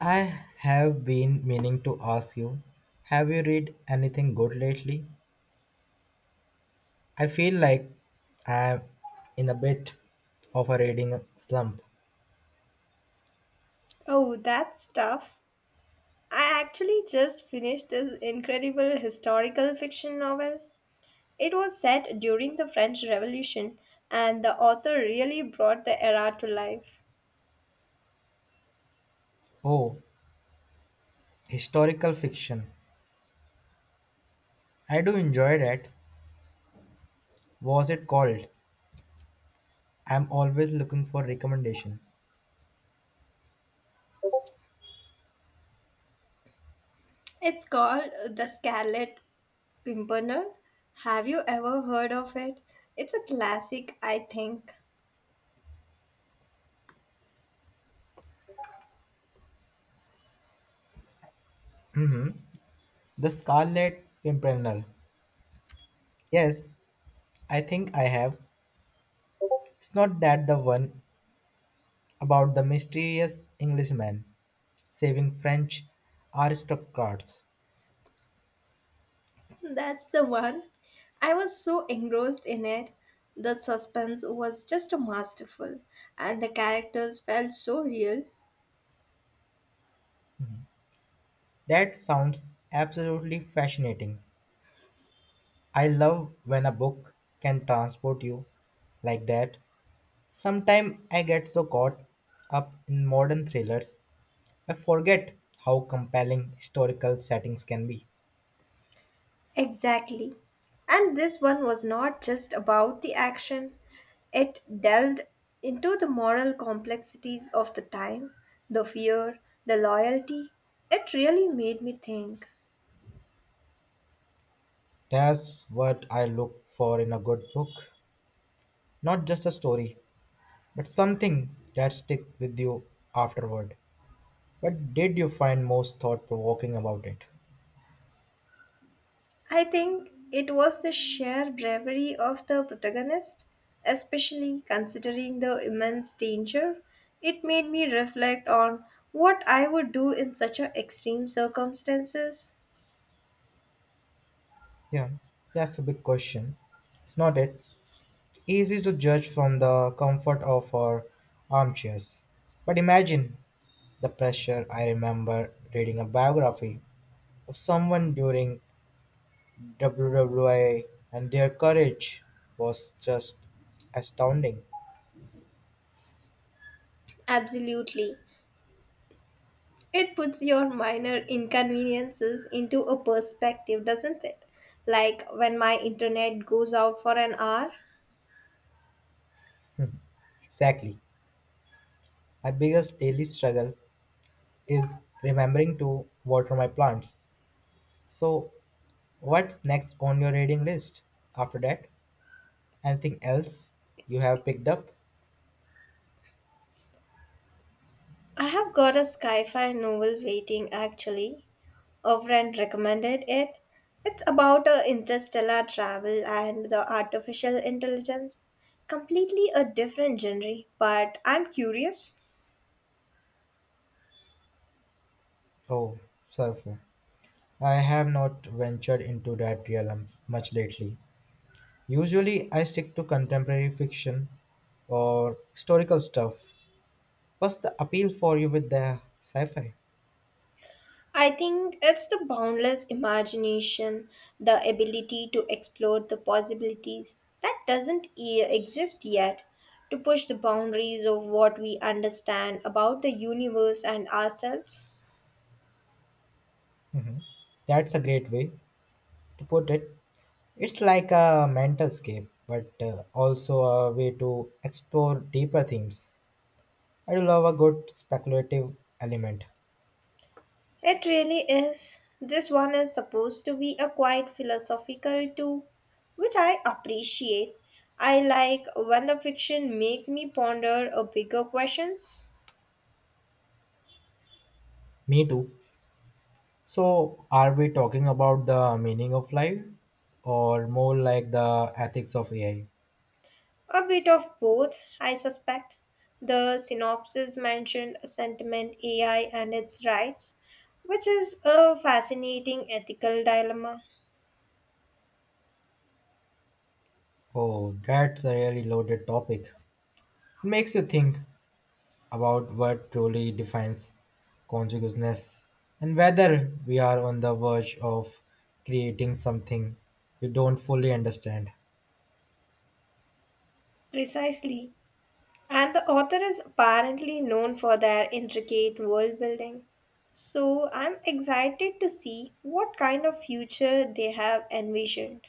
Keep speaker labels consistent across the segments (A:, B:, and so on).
A: I have been meaning to ask you, have you read anything good lately? I feel like I'm in a bit of a reading slump.
B: Oh, that's tough. I actually just finished this incredible historical fiction novel. It was set during the French Revolution, and the author really brought the era to life.
A: Oh, historical fiction. I do enjoy that. Was it called? I'm always looking for recommendation.
B: It's called The Scarlet Pimpernel. Have you ever heard of it? It's a classic, I think.
A: The Scarlet Pimpernel. Yes, I think I have. It's not that the one about the mysterious Englishman saving French aristocrats.
B: That's the one. I was so engrossed in it. The suspense was just masterful, and the characters felt so real.
A: That sounds absolutely fascinating. I love when a book can transport you like that. Sometimes I get so caught up in modern thrillers, I forget how compelling historical settings can be.
B: Exactly. And this one was not just about the action, it delved into the moral complexities of the time, the fear, the loyalty. It really made me think.
A: That's what I look for in a good book. Not just a story, but something that sticks with you afterward. What did you find most thought provoking about it?
B: I think it was the sheer bravery of the protagonist, especially considering the immense danger. It made me reflect on what I would do in such a extreme circumstances.
A: Yeah, that's a big question. It's not it. Easy to judge from the comfort of our armchairs. But imagine the pressure. I remember reading a biography of someone during WWA, and their courage was just astounding.
B: Absolutely. It puts your minor inconveniences into a perspective, doesn't it? Like when my internet goes out for an hour.
A: Exactly. My biggest daily struggle is remembering to water my plants. So, what's next on your reading list after that? Anything else you have picked up?
B: I have got a sci fi novel waiting actually. A friend recommended it. It's about a interstellar travel and the artificial intelligence. Completely a different genre, but I'm curious.
A: Oh, surfer. I have not ventured into that realm much lately. Usually, I stick to contemporary fiction or historical stuff. What's the appeal for you with the sci fi?
B: I think it's the boundless imagination, the ability to explore the possibilities that doesn't exist yet, to push the boundaries of what we understand about the universe and ourselves.
A: That's a great way to put it. It's like a mental escape, but also a way to explore deeper themes. I do love a good speculative element.
B: It really is. This one is supposed to be a quite philosophical too, which I appreciate. I like when the fiction makes me ponder a bigger questions.
A: Me too. So, are we talking about the meaning of life or more like the ethics of AI?
B: A bit of both, I suspect. The synopsis mentioned sentiment AI and its rights, which is a fascinating ethical dilemma.
A: Oh, that's a really loaded topic. It makes you think about what truly defines consciousness and whether we are on the verge of creating something we don't fully understand.
B: Precisely. And the author is apparently known for their intricate world building. So I'm excited to see what kind of future they have envisioned.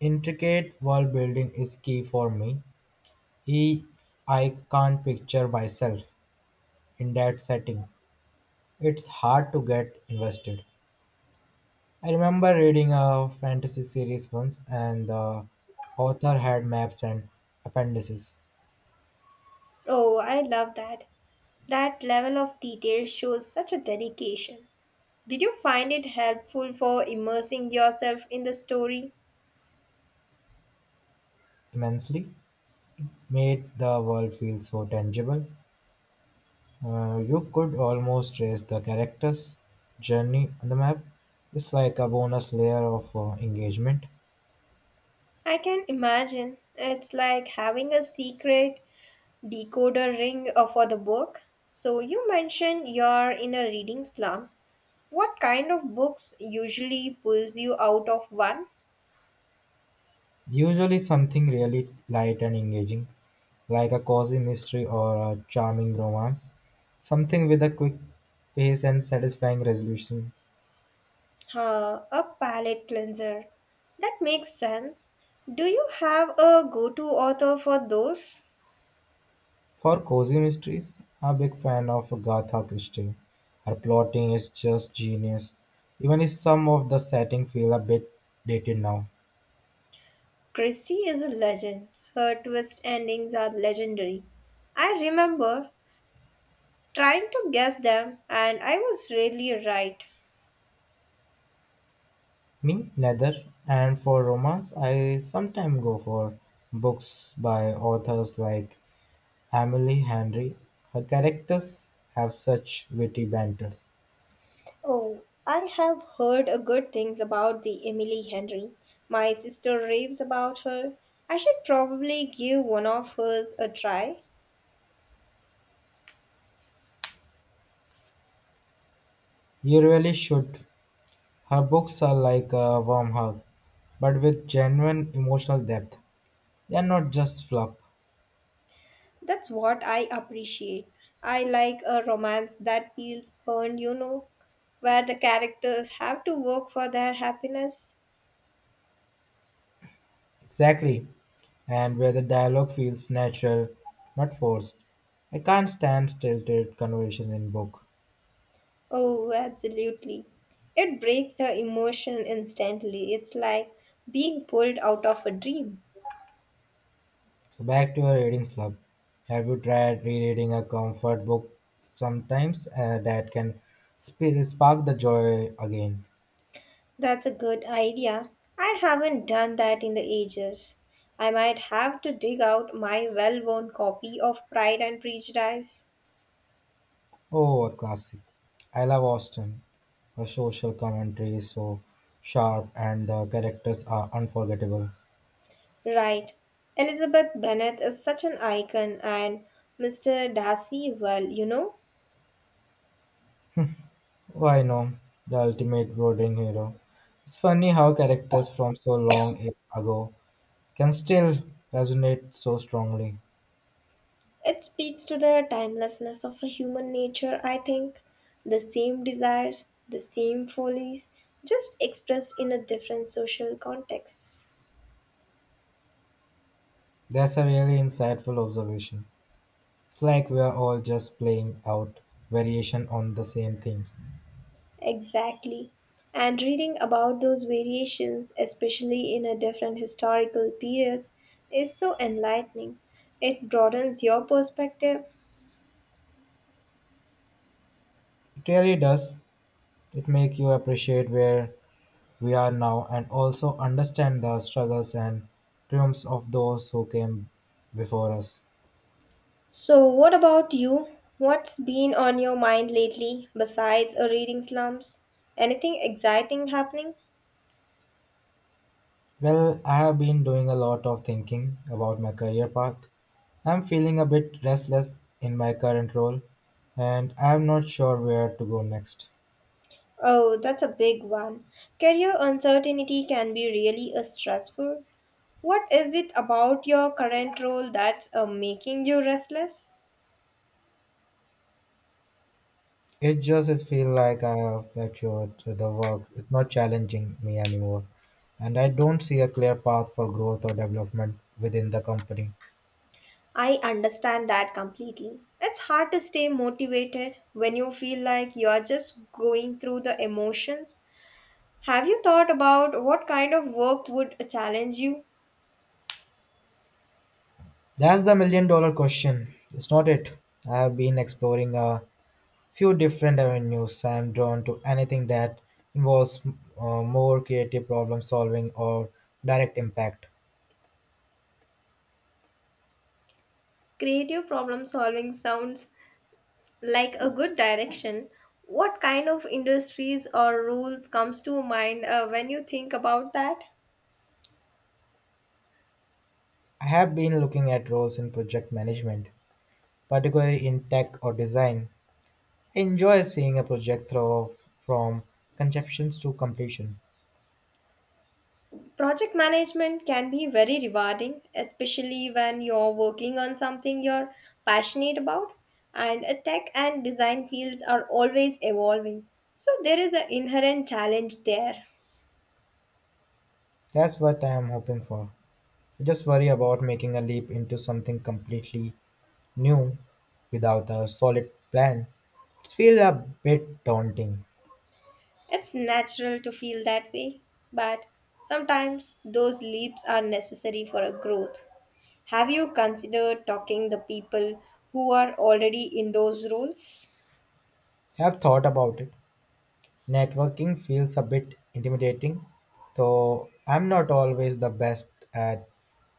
A: Intricate world building is key for me. If I can't picture myself in that setting, it's hard to get invested. I remember reading a fantasy series once, and the author had maps and appendices
B: Oh, I love that. That level of detail shows such a dedication. Did you find it helpful for immersing yourself in the story?
A: immensely, made the world feel so tangible. You could almost trace the character's journey on the map. It's like a bonus layer of engagement.
B: I can imagine. It's like having a secret decoder ring for the book. So you mentioned you're in a reading slump. What kind of books usually pulls you out of one?
A: Usually, something really light and engaging, like a cozy mystery or a charming romance, something with a quick pace and satisfying resolution.
B: A palate cleanser. That makes sense. Do you have a go-to author for those?
A: For cozy mysteries, I'm a big fan of Agatha Christie. Her plotting is just genius, even if some of the setting feel a bit dated now.
B: Christie is a legend. Her twist endings are legendary. I remember trying to guess them, and I was really right.
A: Me, neither. And for romance, I sometimes go for books by authors like Emily Henry. Her characters have such witty banters.
B: Oh, I have heard a good things about the Emily Henry. My sister raves about her. I should probably give one of hers a try.
A: You really should. Her books are like a warm hug, but with genuine emotional depth. They are not just fluff.
B: That's what I appreciate. I like a romance that feels earned, you know, where the characters have to work for their happiness.
A: Exactly. And where the dialogue feels natural, not forced. I can't stand stilted conversation in book.
B: Oh, absolutely. It breaks the emotion instantly. It's like being pulled out of a dream.
A: So back to your reading slump. Have you tried rereading a comfort book sometimes that can spark the joy again?
B: That's a good idea. I haven't done that in the ages. I might have to dig out my well worn copy of Pride and Prejudice.
A: Oh, a classic. I love Austen. Her social commentary is so sharp and the characters are unforgettable.
B: Right. Elizabeth Bennet is such an icon, and Mr. Darcy, well, you know,
A: Why no? The ultimate brooding hero. It's funny how characters from so long ago can still resonate so strongly.
B: it speaks to the timelessness of a human nature, I think. The same desires, the same follies, just expressed in a different social context.
A: That's a really insightful observation. It's like we're all just playing out variation on the same themes.
B: Exactly. And reading about those variations, especially in a different historical periods, is so enlightening. It broadens your perspective.
A: It really does. It makes you appreciate where we are now and also understand the struggles and triumphs of those who came before us.
B: So, what about you? What's been on your mind lately besides a reading slumps? Anything exciting happening?
A: Well, I have been doing a lot of thinking about my career path. I'm feeling a bit restless in my current role and I'm not sure where to go next.
B: Oh, that's a big one. Career uncertainty can be really a stressful. What is it about your current role that's making you restless?
A: It just is feel like I have matured to the work. It's not challenging me anymore. And I don't see a clear path for growth or development within the company.
B: I understand that completely. It's hard to stay motivated when you feel like you're just going through the emotions. Have you thought about what kind of work would challenge you?
A: That's the $1 million question, it's not it? I've been exploring a few different avenues. I'm drawn to anything that involves more creative problem solving or direct impact.
B: Creative problem solving sounds like a good direction. What kind of industries or roles comes to mind when you think about that?
A: I have been looking at roles in project management, particularly in tech or design. I enjoy seeing a project through from conceptions to completion.
B: Project management can be very rewarding, especially when you're working on something you're passionate about, and tech and design fields are always evolving. So, there is an inherent challenge there.
A: That's what I am hoping for. I just worry about making a leap into something completely new without a solid plan. It feels a bit daunting.
B: It's natural to feel that way, but sometimes those leaps are necessary for a growth. Have you considered talking the people who are already in those roles?
A: Have thought about it. Networking feels a bit intimidating, though I'm not always the best at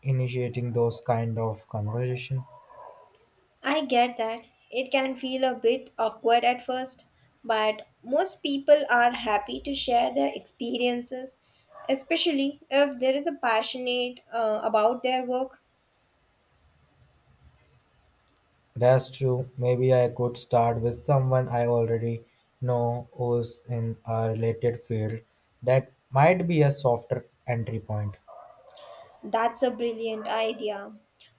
A: initiating those kind of conversation.
B: I get that. It can feel a bit awkward at first, but most people are happy to share their experiences, especially if there is a passionate about their work.
A: That's true. Maybe I could start with someone I already know who's in a related field. That might be a softer entry point.
B: That's a brilliant idea.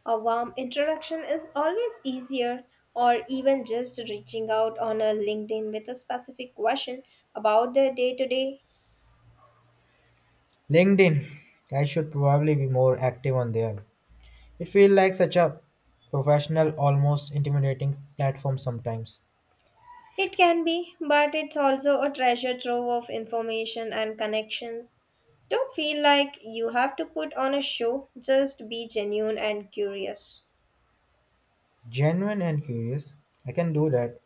B: A warm introduction is always easier, or even just reaching out on a LinkedIn with a specific question about their day to day.
A: LinkedIn, I should probably be more active on there. It feels like such a professional, almost intimidating platform sometimes.
B: It can be, but it's also a treasure trove of information and connections. Don't feel like you have to put on a show, just be genuine and curious.
A: Genuine and curious, I can do that.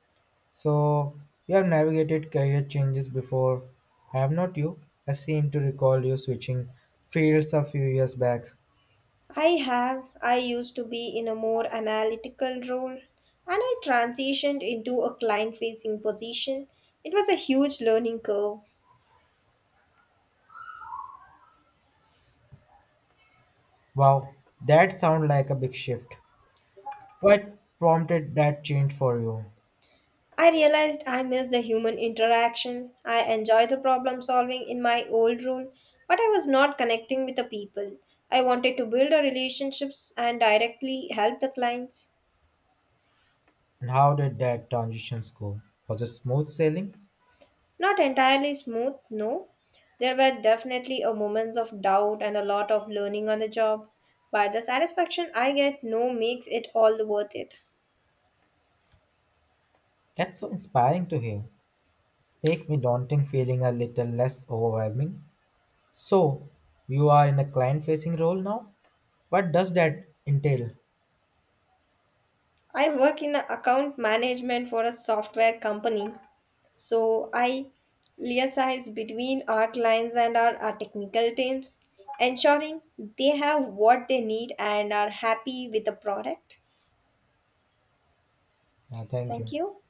A: So, you have navigated career changes before, have not you? I seem to recall you switching fields a few years back.
B: I have. I used to be in a more analytical role and I transitioned into a client facing position. It was a huge learning curve.
A: Wow, that sounds like a big shift. What prompted that change for you?
B: I realized I miss the human interaction. I enjoy the problem solving in my old role, but I was not connecting with the people. I wanted to build a relationships and directly help the clients.
A: And how did that transitions go? Was it smooth sailing?
B: Not entirely smooth, no. There were definitely a moments of doubt and a lot of learning on the job, but the satisfaction I get no makes it all worth it.
A: That's so inspiring to hear. Make me daunting feeling a little less overwhelming. So, you are in a client facing role now? What does that entail?
B: I work in account management for a software company. So I liaise between our clients and our technical teams, ensuring they have what they need and are happy with the product.
A: Thank
B: Thank
A: you.
B: you.